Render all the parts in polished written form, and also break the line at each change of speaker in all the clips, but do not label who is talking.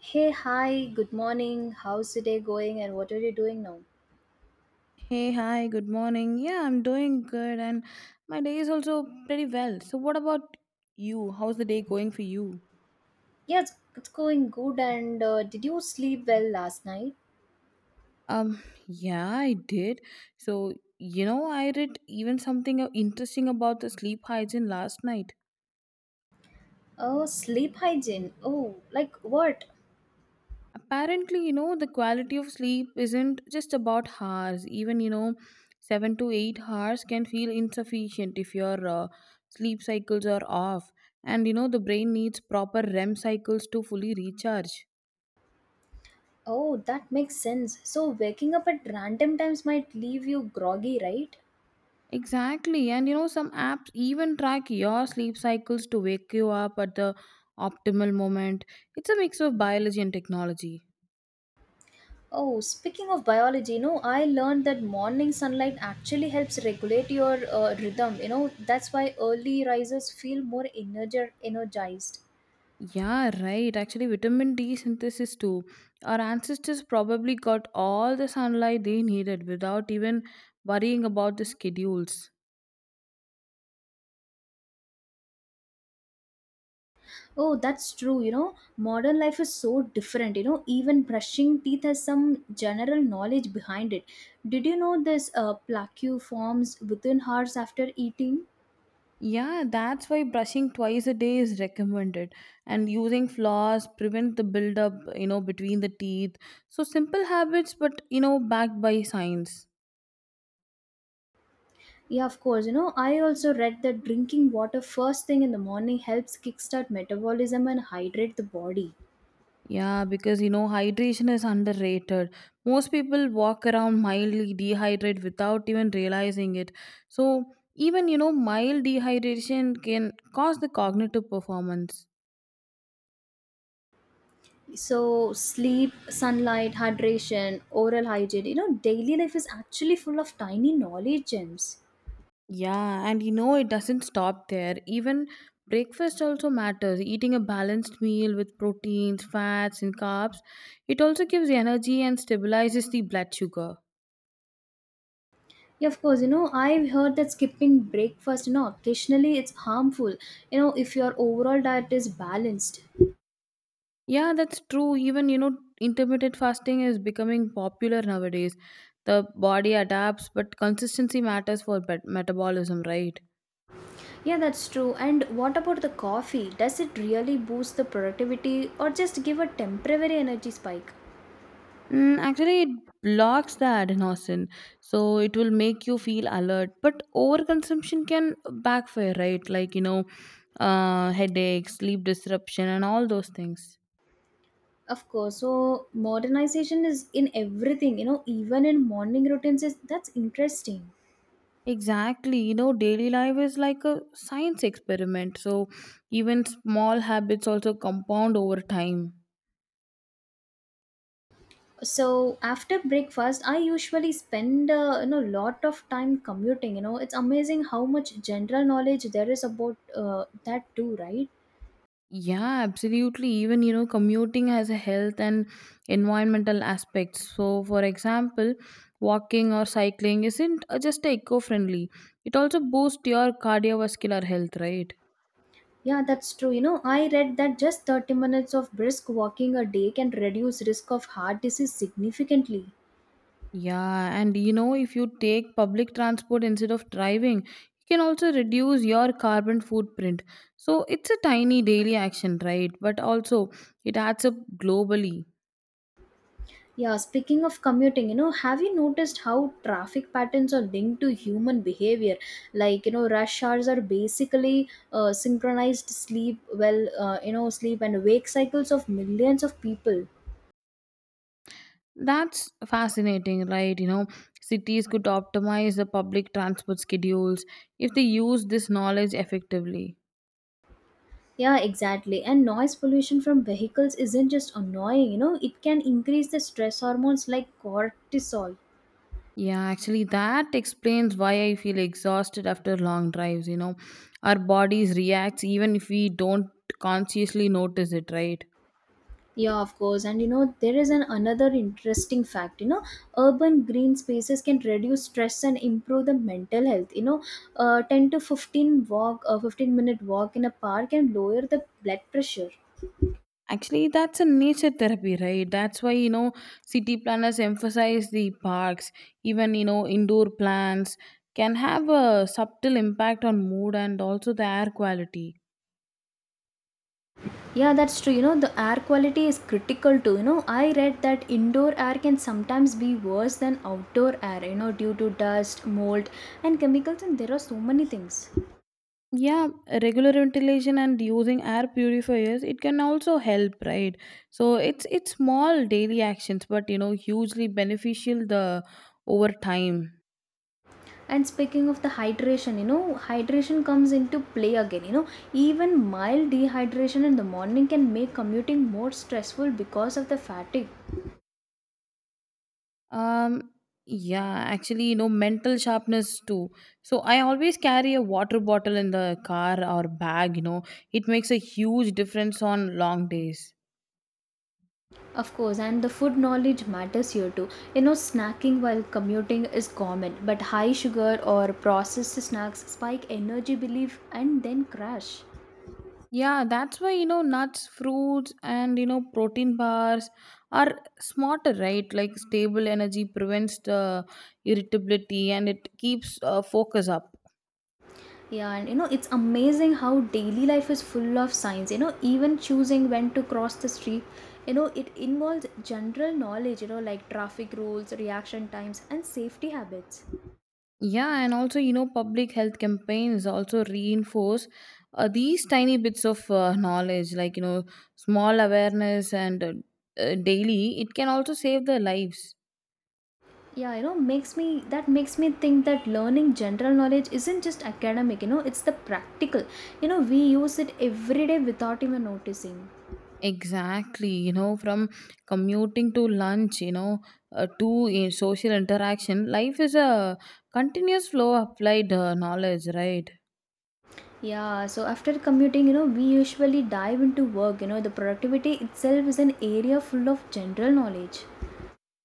Hey, hi, good morning. How's the day going and what are you doing now?
Hey, hi, good morning. Yeah, I'm doing good and my day is also pretty well. So what about you? How's the day going for you?
Yeah, it's going good. And did you sleep well last night?
Um, yeah, I did. So, I read even something interesting about the sleep hygiene last night.
Oh, sleep hygiene. Oh, like what?
Apparently, you know, the quality of sleep isn't just about hours. Even, you know, 7 to 8 hours can feel insufficient if your sleep cycles are off. And, you know, the brain needs proper REM cycles to fully recharge.
Oh, that makes sense. So, waking up at random times might leave you groggy, right?
Exactly. And you know, some apps even track your sleep cycles to wake you up at the optimal moment. It's a mix of biology and technology.
Oh, speaking of biology, you know, I learned that morning sunlight actually helps regulate your rhythm. You know, that's why early risers feel energized.
Yeah, right. Actually, vitamin D synthesis too. Our ancestors probably got all the sunlight they needed without even worrying about the schedules.
Oh, that's true. You know, modern life is so different. You know, even brushing teeth has some general knowledge behind it. Did you know this plaque forms within hours after eating?
Yeah, that's why brushing twice a day is recommended, and using floss prevent the buildup, you know, between the teeth. So simple habits, but you know, backed by science.
Yeah, of course. You know, I also read that drinking water first thing in the morning helps kickstart metabolism and hydrate the body.
Yeah, because you know, hydration is underrated. Most people walk around mildly dehydrated without even realizing it. So, even you know, mild dehydration can cause the cognitive performance.
So, sleep, sunlight, hydration, oral hygiene, you know, daily life is actually full of tiny knowledge gems.
Yeah, and you know, it doesn't stop there. Even breakfast also matters. Eating a balanced meal with proteins, fats, and carbs, it also gives energy and stabilizes the blood sugar.
Yeah, of course, you know, I've heard that skipping breakfast, you know, occasionally it's harmful, you know, if your overall diet is balanced.
Yeah, that's true. Even, you know, intermittent fasting is becoming popular nowadays. The body adapts, but consistency matters for metabolism, right?
Yeah, that's true. And what about the coffee? Does it really boost the productivity or just give a temporary energy spike?
Mm, actually, it blocks the adenosine, so it will make you feel alert. But overconsumption can backfire, right? Like, you know, headaches, sleep disruption, and all those things.
Of course, so modernization is in everything, you know, even in morning routines, that's interesting.
Exactly. You know, daily life is like a science experiment, so even small habits also compound over time.
So after breakfast I usually spend you know lot of time commuting you know it's amazing how much general knowledge there is about that too, right?
Yeah, absolutely. Even, you know, commuting has a health and environmental aspects. So, for example, walking or cycling isn't just eco friendly, it also boosts your cardiovascular health, right?
Yeah, that's true, you know I read that just 30 minutes of brisk walking a day can reduce risk of heart disease significantly.
Yeah, and you know, if you take public transport instead of driving, you can also reduce your carbon footprint. So, it's a tiny daily action, right? But also, it adds up globally.
Yeah, speaking of commuting, you know, have you noticed how traffic patterns are linked to human behavior? Like, you know, rush hours are basically synchronized you know, sleep and wake cycles of millions of people.
That's fascinating, right? You know, cities could optimize the public transport schedules if they use this knowledge effectively.
Yeah, exactly. And noise pollution from vehicles isn't just annoying, you know, it can increase the stress hormones like cortisol.
Yeah, actually, that explains why I feel exhausted after long drives. You know, our bodies react even if we don't consciously notice it, right?
Yeah, of course. And you know, there is an another interesting fact. You know, urban green spaces can reduce stress and improve the mental health. You know, ten to fifteen walk, a 15 minute walk in a park can lower the blood pressure.
Actually, that's a nature therapy, right? That's why, you know, city planners emphasize the parks, even, you know, indoor plants can have a subtle impact on mood and also the air quality.
Yeah, that's true. You know, the air quality is critical too. You know, I read that indoor air can sometimes be worse than outdoor air, you know, due to dust, mold, and chemicals, and there are so many things.
Yeah, regular ventilation and using air purifiers, it can also help, right? So it's small daily actions, but you know, hugely beneficial the over time.
And speaking of the hydration, you know, hydration comes into play again, you know, even mild dehydration in the morning can make commuting more stressful because of the fatigue.
Um yeah, actually, you know, mental sharpness too. So I always carry a water bottle in the car or bag, you know. It makes a huge difference on long days.
Of course, and the food knowledge matters here too, you know, snacking while commuting is common but high sugar or processed snacks spike energy belief and then crash.
Yeah, that's why you know nuts, fruits, and you know protein bars are smarter, right? Like stable energy prevents the irritability and it keeps focus up.
Yeah, and you know, it's amazing how daily life is full of signs. You know, even choosing when to cross the street, you know, it involves general knowledge, you know, like traffic rules, reaction times, and safety habits.
Yeah, and also you know public health campaigns also reinforce these tiny bits of knowledge, like you know small awareness and daily. It can also save their lives.
Yeah, you know, makes me that makes me think that learning general knowledge isn't just academic, you know, it's the practical. You know, we use it every day without even noticing.
Exactly, you know, from commuting to lunch, you know, to social interaction, life is a continuous flow of applied knowledge, right?
Yeah, so after commuting, you know, we usually dive into work. You know, the productivity itself is an area full of general knowledge.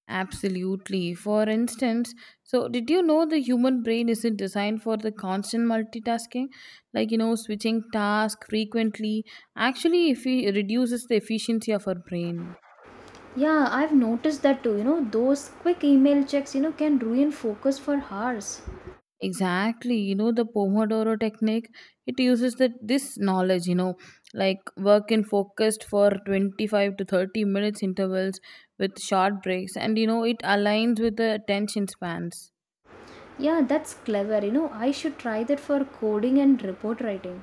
Absolutely. For instance, so did you know the human brain isn't designed for the constant multitasking? Like, you know, switching tasks frequently actually if it reduces the efficiency of our brain.
Yeah, I've noticed that too. You know, those quick email checks, you know, can ruin focus for hours.
Exactly. You know, the Pomodoro technique, it uses that this knowledge, you know, like work in focused for 25 to 30 minutes intervals with short breaks. And, you know, it aligns with the attention spans.
Yeah, that's clever. You know, I should try that for coding and report writing.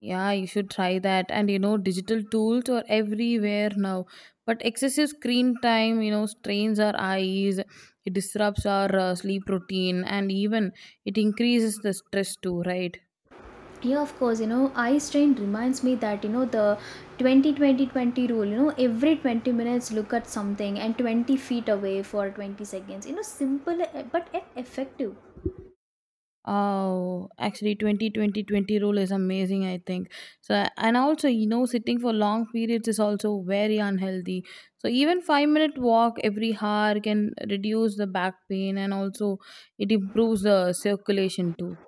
Yeah, you should try that. And, you know, digital tools are everywhere now. But excessive screen time, you know, strains our eyes, it disrupts our sleep routine, and even it increases the stress too, right?
Yeah, of course, you know, eye strain reminds me that, you know, the 20-20-20 rule, you know, every 20 minutes look at something and 20 feet away for 20 seconds. You know, simple eh, but yet effective.
Oh, actually 20-20-20 rule is amazing, I think. So, and also, you know, sitting for long periods is also very unhealthy. So even 5 minute walk every hour can reduce the back pain and also it improves the circulation too.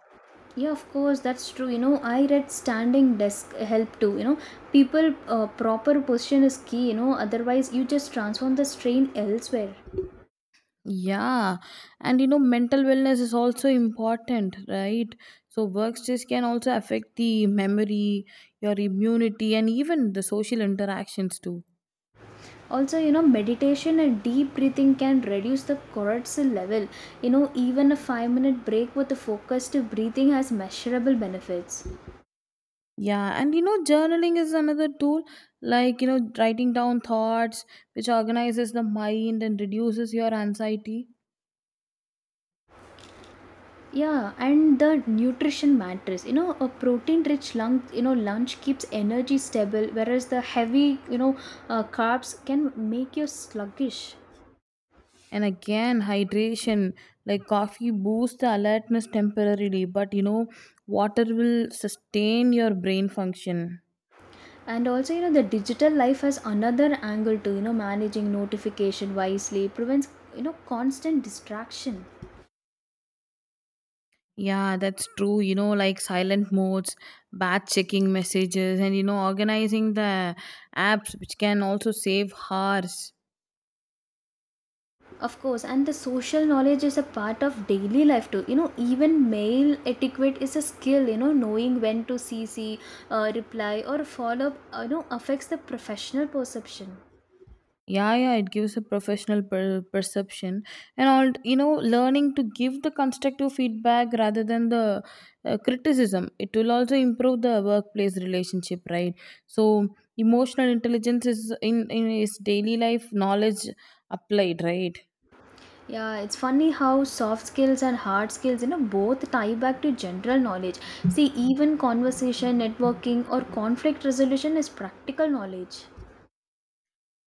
Yeah, of course, that's true. You know, I read standing desk help too. You know, people proper position is key. You know, otherwise you just transform the strain elsewhere.
Yeah, and you know, mental wellness is also important, right? So, work stress can also affect the memory, your immunity, and even the social interactions too.
Also, you know, meditation and deep breathing can reduce the cortisol level. You know, even a 5 minute break with the focused breathing has measurable benefits.
Yeah, and you know, journaling is another tool, like you know, writing down thoughts, which organizes the mind and reduces your anxiety.
Yeah, and the nutrition matters. You know, a you know, lunch keeps energy stable, whereas the heavy, you know, carbs can make you sluggish.
And again, hydration, like coffee boosts the alertness temporarily, but you know, water will sustain your brain function.
And also, you know, the digital life has another angle to, you know, managing notification wisely prevents, you know, constant distraction.
Yeah, that's true. You know, like silent modes, batch checking messages, and you know, organizing the apps, which can also save hours.
Of course, and the social knowledge is a part of daily life too, you know, even mail etiquette is a skill, you know, knowing when to cc, reply or follow up, you know, affects the professional perception.
Yeah, yeah, it gives a professional perception, and all you know, learning to give the constructive feedback rather than the criticism. It will also improve the workplace relationship, right? So, emotional intelligence is in is daily life knowledge applied, right?
Yeah, it's funny how soft skills and hard skills, you know, both tie back to general knowledge. See, even conversation, networking, or conflict resolution is practical knowledge.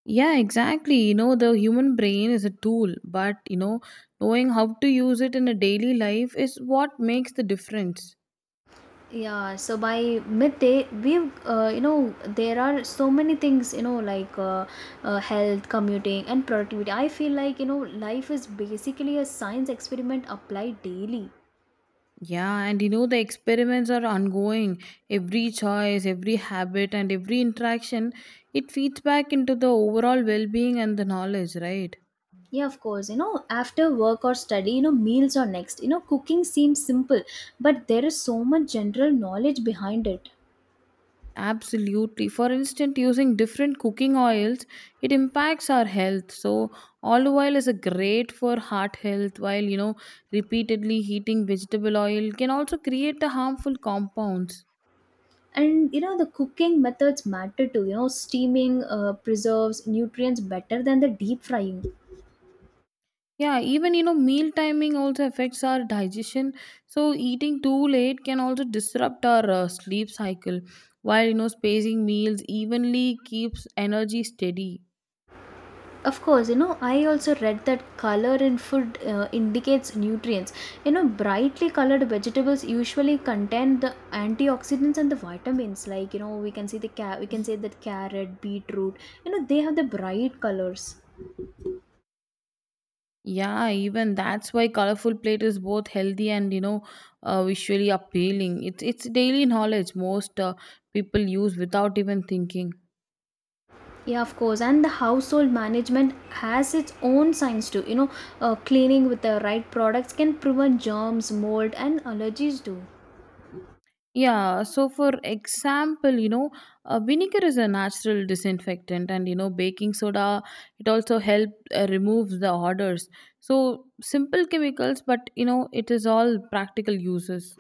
Yeah, exactly. You know, the human brain is a tool, but you know, knowing how to use it in a daily life is what makes the difference.
Yeah, so by midday, you know, there are so many things, you know, like health, commuting, and productivity. I feel like, you know, life is basically a science experiment applied daily.
Yeah, and you know, the experiments are ongoing. Every choice, every habit, and every interaction, it feeds back into the overall well being and the knowledge, right?
Yeah, of course. You know, after work or study, you know, meals are next. You know, cooking seems simple, but there is so much general knowledge behind it.
Absolutely. For instance, using different cooking oils, it impacts our health. So, olive oil is a great for heart health, while you know, repeatedly heating vegetable oil can also create the harmful compounds.
And you know, the cooking methods matter too. You know, steaming preserves nutrients better than the deep frying.
Yeah, even you know, meal timing also affects our digestion. So eating too late can also disrupt our sleep cycle. While you know, spacing meals evenly keeps energy steady.
Of course, you know, I also read that color in food indicates nutrients. You know, brightly colored vegetables usually contain the antioxidants and the vitamins. Like, you know, we can see the ca- we can say that carrot, beetroot, you know, they have the bright colors.
Yeah, even that's why colorful plate is both healthy and you know, visually appealing. It's daily knowledge most people use without even thinking.
Yeah, of course. And the household management has its own science too. You know, cleaning with the right products can prevent germs, mold, and allergies too.
Yeah, so for example, you know, vinegar is a natural disinfectant, and you know, baking soda it also helps removes the odors. So simple chemicals, but you know, it is all practical uses.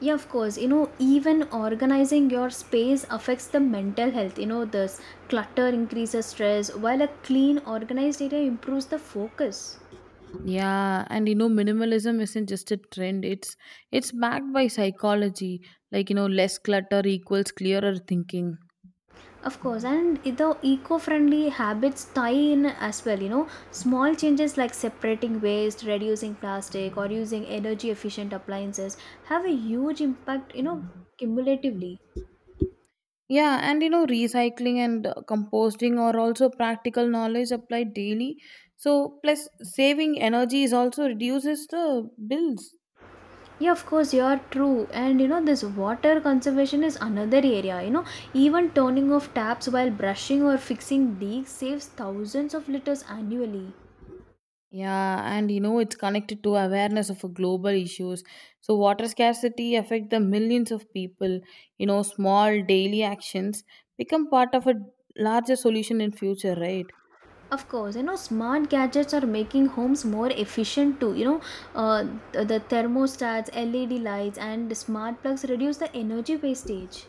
Yeah, of course. You know, even organizing your space affects the mental health. You know, this clutter increases stress, while a clean, organized area improves the focus.
Yeah, and you know, minimalism isn't just a trend; it's backed by psychology. Like you know, less clutter equals clearer thinking.
Of course, and the eco friendly habits tie in as well. You know, small changes like separating waste, reducing plastic, or using energy efficient appliances have a huge impact, you know, cumulatively.
Yeah, and you know, recycling and composting are also practical knowledge applied daily. So, plus saving energy is also reduces the bills.
Yeah, of course, you are true. And you know, this water conservation is another area. You know, even turning off taps while brushing or fixing leaks saves thousands of liters annually.
Yeah, and you know, it's connected to awareness of global issues. So, water scarcity affect the millions of people. You know, small daily actions become part of a larger solution in future, right?
Of course, you know, smart gadgets are making homes more efficient too. You know, uh, the thermostats, LED lights, and smart plugs reduce the energy wastage.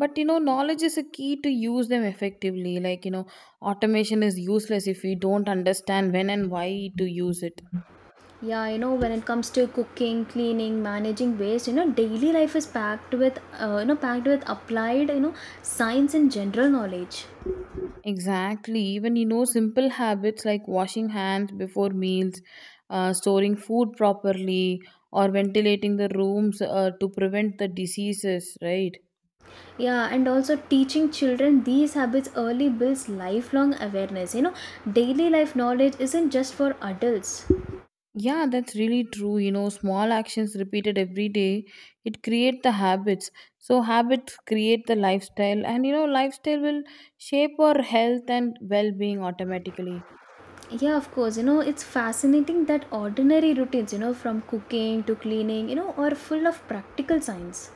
But you know knowledge is a key to use them effectively, like you know automation is useless if we don't understand when and why to use it.
Yeah, you know, when it comes to cooking, cleaning, managing waste, you know, daily life is packed with, you know, packed with applied, you know, science and general knowledge.
Exactly, even you know simple habits like washing hands before meals, storing food properly or ventilating the rooms to prevent the diseases, right?
Yeah, and also teaching children these habits early builds lifelong awareness. You know, daily life knowledge isn't just for adults.
Yeah, that's really true. You know, small actions repeated every day, it create the habits. So habits create the lifestyle, and you know, lifestyle will shape our health and well-being automatically.
Yeah, of course. You know, it's fascinating that ordinary routines, you know, from cooking to cleaning, you know, are full of practical science.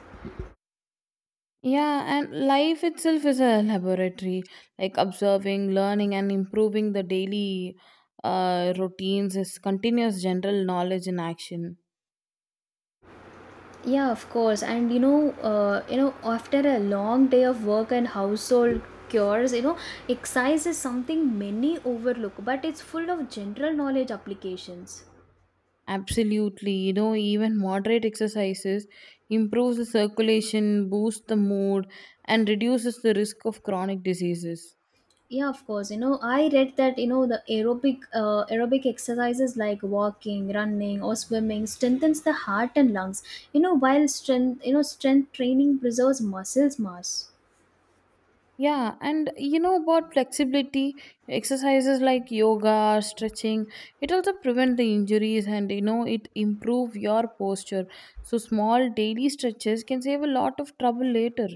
Yeah, and life itself is a laboratory, like observing, learning and improving the daily routines is continuous general knowledge in action.
Yeah, of course. And you know, after a long day of work and household chores, you know, exercise is something many overlook, but it's full of general knowledge applications.
Absolutely. You know, even moderate exercises improves the circulation, boosts the mood, and reduces the risk of chronic diseases.
Yeah, of course. You know, I read that, you know, the aerobic exercises like walking, running, or swimming strengthens the heart and lungs. You know, you know, strength training preserves muscles mass.
Yeah, and you know about flexibility, exercises like yoga, stretching, it also prevent the injuries and you know it improve your posture. So small daily stretches can save a lot of trouble later.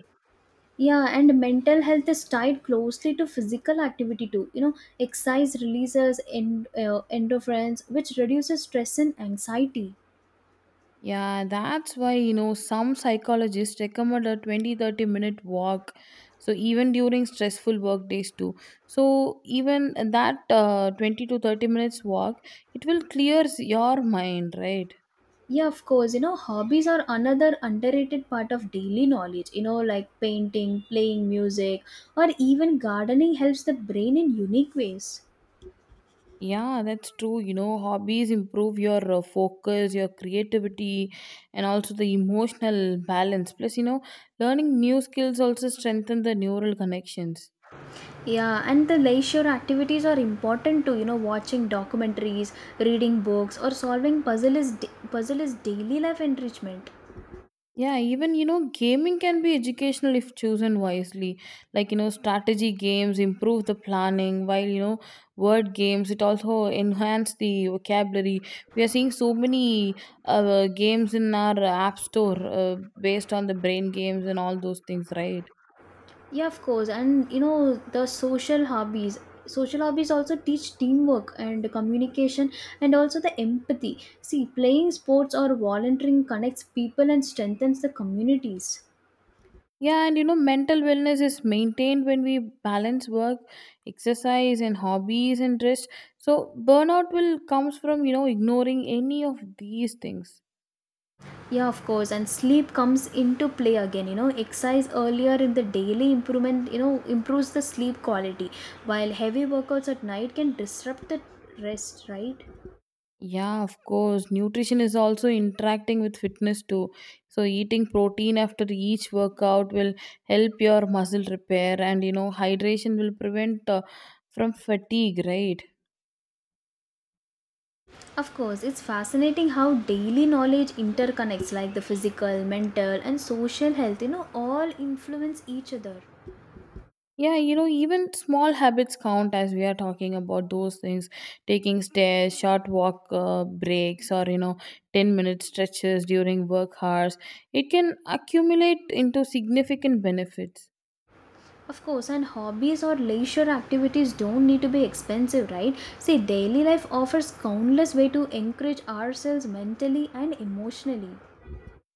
Yeah, and mental health is tied closely to physical activity too. You know, exercise releases endorphins, which reduces stress and anxiety.
Yeah, that's why, you know, some psychologists recommend a 20-30 minute walk. So, even during stressful work days, too. So, even that 20 to 30 minutes walk, it will clears your mind, right?
Yeah, of course. You know, hobbies are another underrated part of daily knowledge. You know, like painting, playing music, or even gardening helps the brain in unique ways.
Yeah, that's true. You know, hobbies improve your focus, your creativity, and also the emotional balance. Plus, you know, learning new skills also strengthen the neural connections.
Yeah, and the leisure activities are important too. You know, watching documentaries, reading books, or puzzle is daily life enrichment.
Yeah, even you know, gaming can be educational if chosen wisely. Like, you know, strategy games improve the planning, while you know, word games it also enhance the vocabulary. We are seeing so many games in our app store based on the brain games and all those things, right?
Yeah, of course. And you know, the social hobbies. Social hobbies also teach teamwork and communication and also the empathy. See, playing sports or volunteering connects people and strengthens the communities.
Yeah, and you know, mental wellness is maintained when we balance work, exercise, and hobbies and rest. So burnout will comes from you know ignoring any of these things.
Yeah, of course. And sleep comes into play again. You know, exercise earlier in the daily improvement, you know, improves the sleep quality, while heavy workouts at night can disrupt the rest, right?
Yeah, of course. Nutrition is also interacting with fitness too. So, eating protein after each workout will help your muscle repair, and you know, hydration will prevent from fatigue, right?
Of course, it's fascinating how daily knowledge interconnects, like the physical, mental, and social health, you know, all influence each other.
Yeah, you know, even small habits count as we are talking about those things taking stairs, short walk breaks, or you know, 10-minute stretches during work hours. It can accumulate into significant benefits.
Of course, and hobbies or leisure activities don't need to be expensive, right? See, daily life offers countless ways to encourage ourselves mentally and emotionally.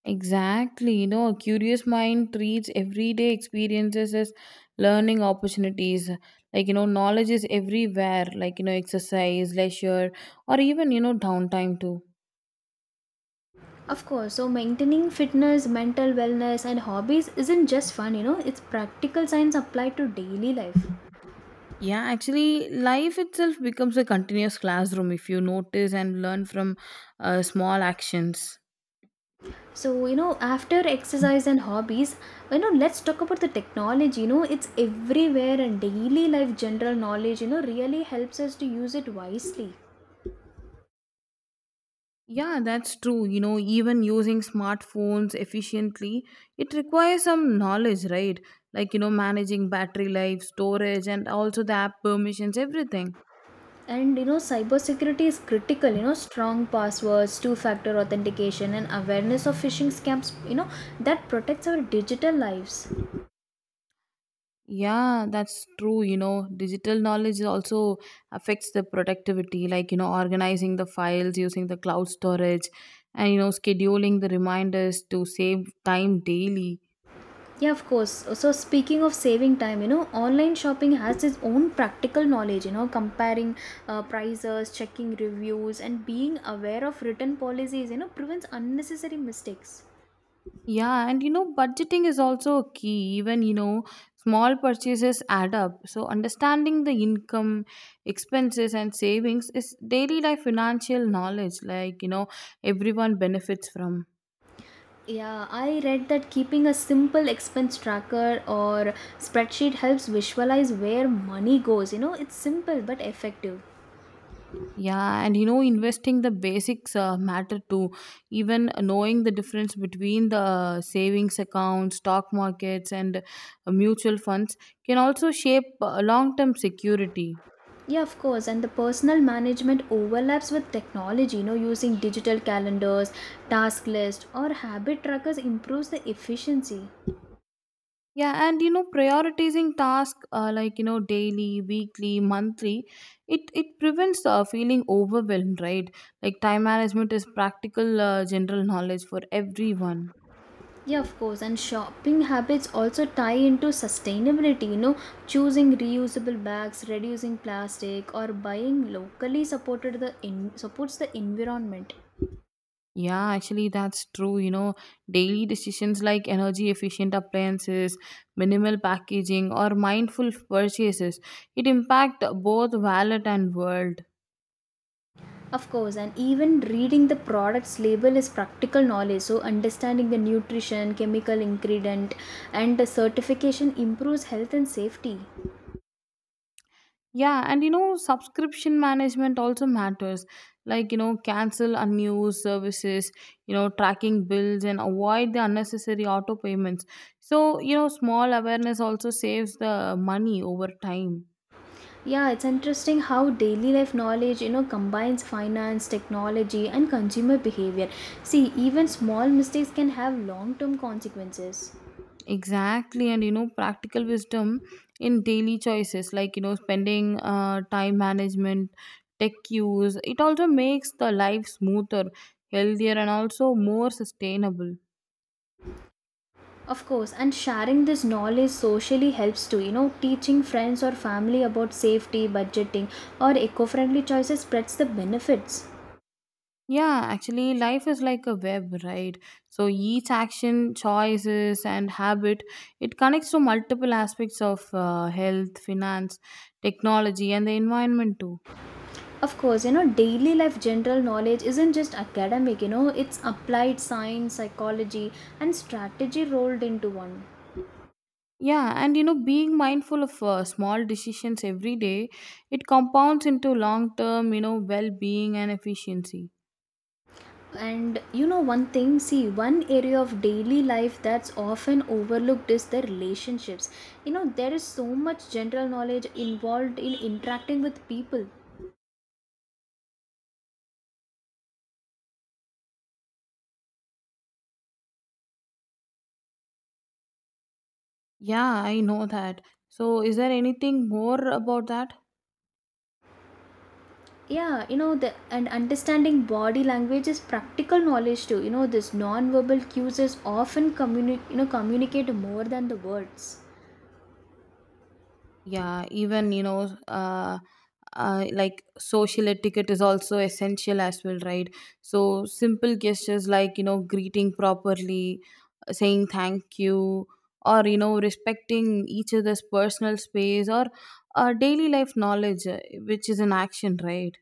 Exactly. You know, a curious mind treats everyday experiences as learning opportunities. Like, you know, knowledge is everywhere, like, you know, exercise, leisure, or even, you know, downtime too.
Of course, so maintaining fitness, mental wellness, and hobbies isn't just fun, you know, it's practical science applied to daily life.
Yeah, actually, life itself becomes a continuous classroom if you notice and learn from small actions.
So, you know, after exercise and hobbies, you know, let's talk about the technology. You know, it's everywhere and daily life general knowledge, you know, really helps us to use it wisely.
Yeah, that's true. You know, even using smartphones efficiently, it requires some knowledge, right? Like, you know, managing battery life, storage, and also the app permissions, everything.
And you know, cybersecurity is critical, you know, strong passwords, 2 factor authentication, and awareness of phishing scams, you know, that protects our digital lives.
Yeah, that's true. You know, digital knowledge also affects the productivity, like, you know, organizing the files, using the cloud storage, and, you know, scheduling the reminders to save time daily.
Yeah, of course. So, speaking of saving time, you know, online shopping has its own practical knowledge, you know, comparing prices, checking reviews, and being aware of written policies, you know, prevents unnecessary mistakes.
Yeah, and you know, budgeting is also a key. Even, you know, small purchases add up. So, understanding the income, expenses, and savings is daily life financial knowledge, like, you know, everyone benefits from.
Yeah, I read that keeping a simple expense tracker or spreadsheet helps visualize where money goes. You know, it's simple but effective.
Yeah, and you know, investing the basics matter too. Even knowing the difference between the savings accounts, stock markets, and mutual funds can also shape long term security.
Yeah, of course. And the personal management overlaps with technology. You know, using digital calendars, task lists, or habit trackers improves the efficiency.
Yeah, and you know, prioritizing tasks like you know daily, weekly, monthly, it prevents feeling overwhelmed, right? Like time management is practical general knowledge for everyone.
Yeah, of course. And shopping habits also tie into sustainability. You know, choosing reusable bags, reducing plastic, or buying locally supports the environment.
Yeah, actually, that's true. You know, daily decisions like energy efficient appliances, minimal packaging, or mindful purchases, it impact both wallet and world.
Of course, and even reading the product's label is practical knowledge. So, understanding the nutrition, chemical ingredient, and the certification improves health and safety.
Yeah, and you know, subscription management also matters. Like, you know, cancel unused services, you know, tracking bills and avoid the unnecessary auto payments. So, you know, small awareness also saves the money over time.
Yeah, it's interesting how daily life knowledge, you know, combines finance, technology, and consumer behavior. See, even small mistakes can have long term consequences.
Exactly. And, you know, practical wisdom in daily choices, like, you know, spending time management, tech use, it also makes the life smoother, healthier, and also more sustainable.
Of course, and sharing this knowledge socially helps too. You know, teaching friends or family about safety, budgeting, or eco friendly choices spreads the benefits.
Yeah, actually, life is like a web, right? So each action, choices, and habit it connects to multiple aspects of health, finance, technology, and the environment too.
Of course, you know, daily life general knowledge isn't just academic, you know, it's applied science, psychology, and strategy rolled into one.
Yeah, and you know, being mindful of small decisions every day, it compounds into long-term, you know, well-being and efficiency.
And you know, one thing, see, one area of daily life that's often overlooked is the relationships. You know, there is so much general knowledge involved in interacting with people.
Yeah, I know that. So, is there anything more about that?
Yeah, you know, the and understanding body language is practical knowledge too. You know, this non-verbal cues is often you know, communicate more than the words.
Yeah, even you know, like social etiquette is also essential as well, right? So simple gestures like you know greeting properly, saying thank you, or you know respecting each other's personal space or daily life knowledge, which is an action, right?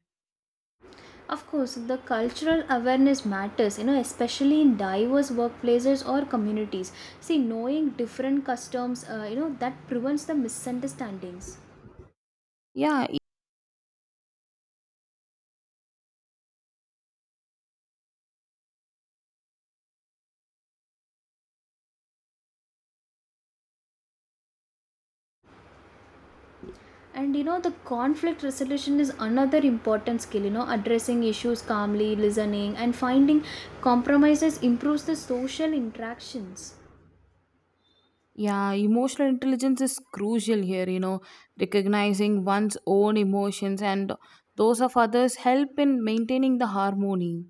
Of course, the cultural awareness matters, you know, especially in diverse workplaces or communities. See, knowing different customs, you know, that prevents the misunderstandings.
Yeah.
And you know, the conflict resolution is another important skill, you know, addressing issues calmly, listening, and finding compromises improves the social interactions.
Yeah, emotional intelligence is crucial here, you know, recognizing one's own emotions and those of others help in maintaining the harmony.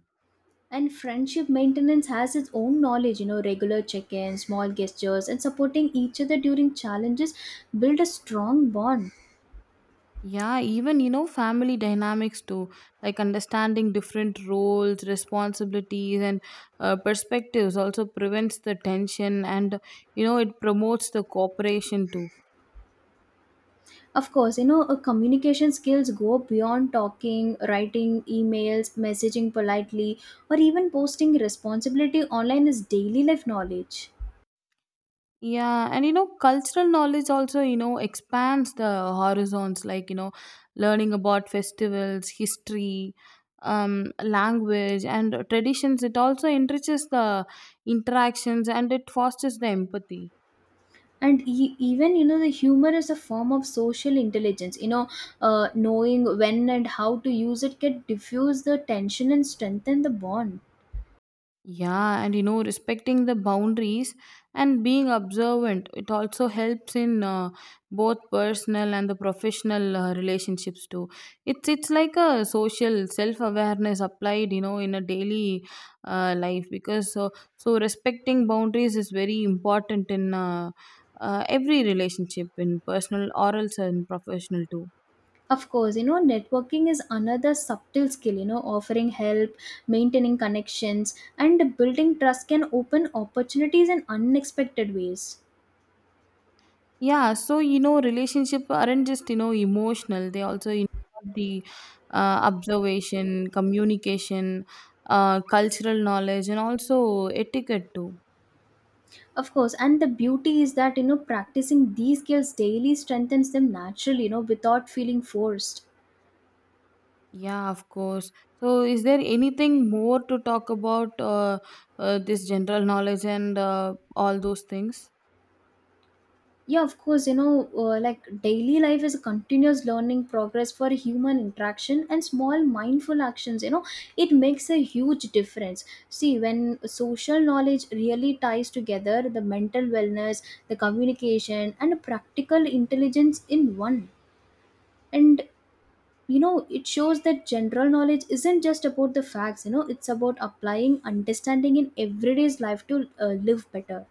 And friendship maintenance has its own knowledge, you know, regular check ins, small gestures, and supporting each other during challenges build a strong bond.
Yeah, even you know, family dynamics too, like understanding different roles, responsibilities, and perspectives also prevents the tension and you know, it promotes the cooperation too.
Of course, you know, communication skills go beyond talking, writing emails, messaging politely, or even posting responsibility online is daily life knowledge.
Yeah, and you know, cultural knowledge also you know expands the horizons, like you know, learning about festivals, history, language, and traditions. It also enriches the interactions and it fosters the empathy.
And even, you know, the humor is a form of social intelligence. You know, knowing when and how to use it can diffuse the tension and strengthen the bond.
Yeah, and you know, respecting the boundaries and being observant, it also helps in both personal and the professional relationships too. It's like a social self awareness applied, you know, in a daily life because so respecting boundaries is very important in every relationship, in personal, oral, and professional too.
Of course, you know, networking is another subtle skill, you know, offering help, maintaining connections, and building trust can open opportunities in unexpected ways.
Yeah, so you know, relationship aren't just you know emotional; they also involve the observation, communication, cultural knowledge, and also etiquette too.
Of course, and the beauty is that you know practicing these skills daily strengthens them naturally, you know, without feeling forced.
Yeah, of course. So, is there anything more to talk about this general knowledge and all those things?
Yeah, of course, you know, like daily life is a continuous learning progress for human interaction and small mindful actions, you know, it makes a huge difference. See, when social knowledge really ties together the mental wellness, the communication, and practical intelligence in one. And you know it shows that general knowledge isn't just about the facts, you know, it's about applying understanding in everyday's life to live better.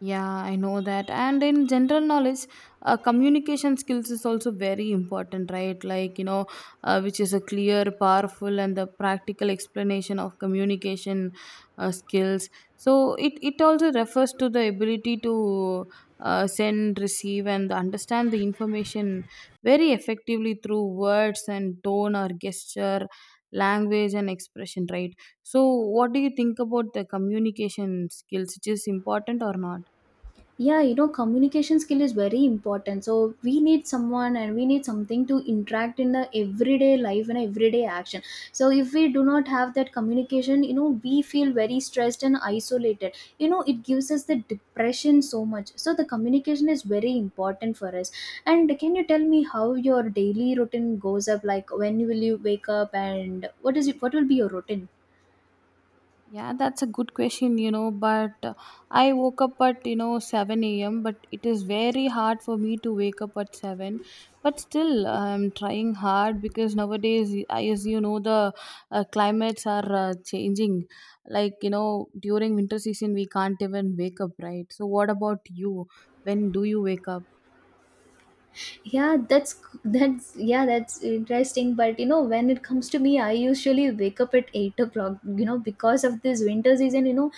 Yeah, I know that. And in general knowledge, communication skills is also very important, right? Like, you know, which is a clear, powerful, and the practical explanation of communication skills. So it also refers to the ability to send, receive, and understand the information very effectively through words and tone or gesture, language, and expression, right? So, what do you think about the communication skills? It is important or not?
Yeah, you know, communication skill is very important, so we need someone and we need something to interact in the everyday life and everyday action. So if we do not have that communication, you know, we feel very stressed and isolated. You know, it gives us the depression so much. So the communication is very important for us. And can you tell me how your daily routine goes up, like when will you wake up and what is it, what will be your routine?
Yeah, that's a good question, you know. But I woke up at, you know, 7 a.m., but it is very hard for me to wake up at 7. But still, I'm trying hard because nowadays, as you know, the climates are changing. Like, you know, during winter season, we can't even wake up, right? So, what about you? When do you wake up?
Yeah, that's interesting. But you know, when it comes to me, I usually wake up at 8 o'clock, you know, because of this winter season, you know,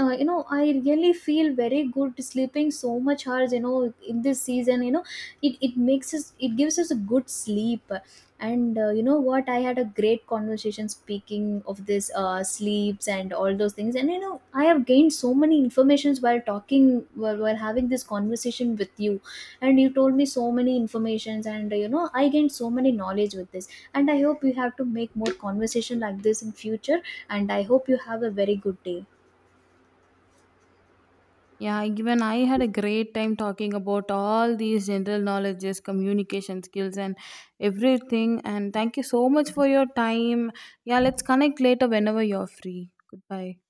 you know, I really feel very good sleeping so much hours, you know, in this season, you know, it gives us a good sleep. And you know what, I had a great conversation speaking of this sleeps and all those things. And you know, I have gained so many informations while talking, while having this conversation with you. And you told me so many informations, and you know, I gained so many knowledge with this. And I hope you have to make more conversation like this in future. And I hope you have a very good day.
Yeah, even I had a great time talking about all these general knowledges, communication skills, and everything. And thank you so much for your time. Yeah, let's connect later whenever you're free. Goodbye.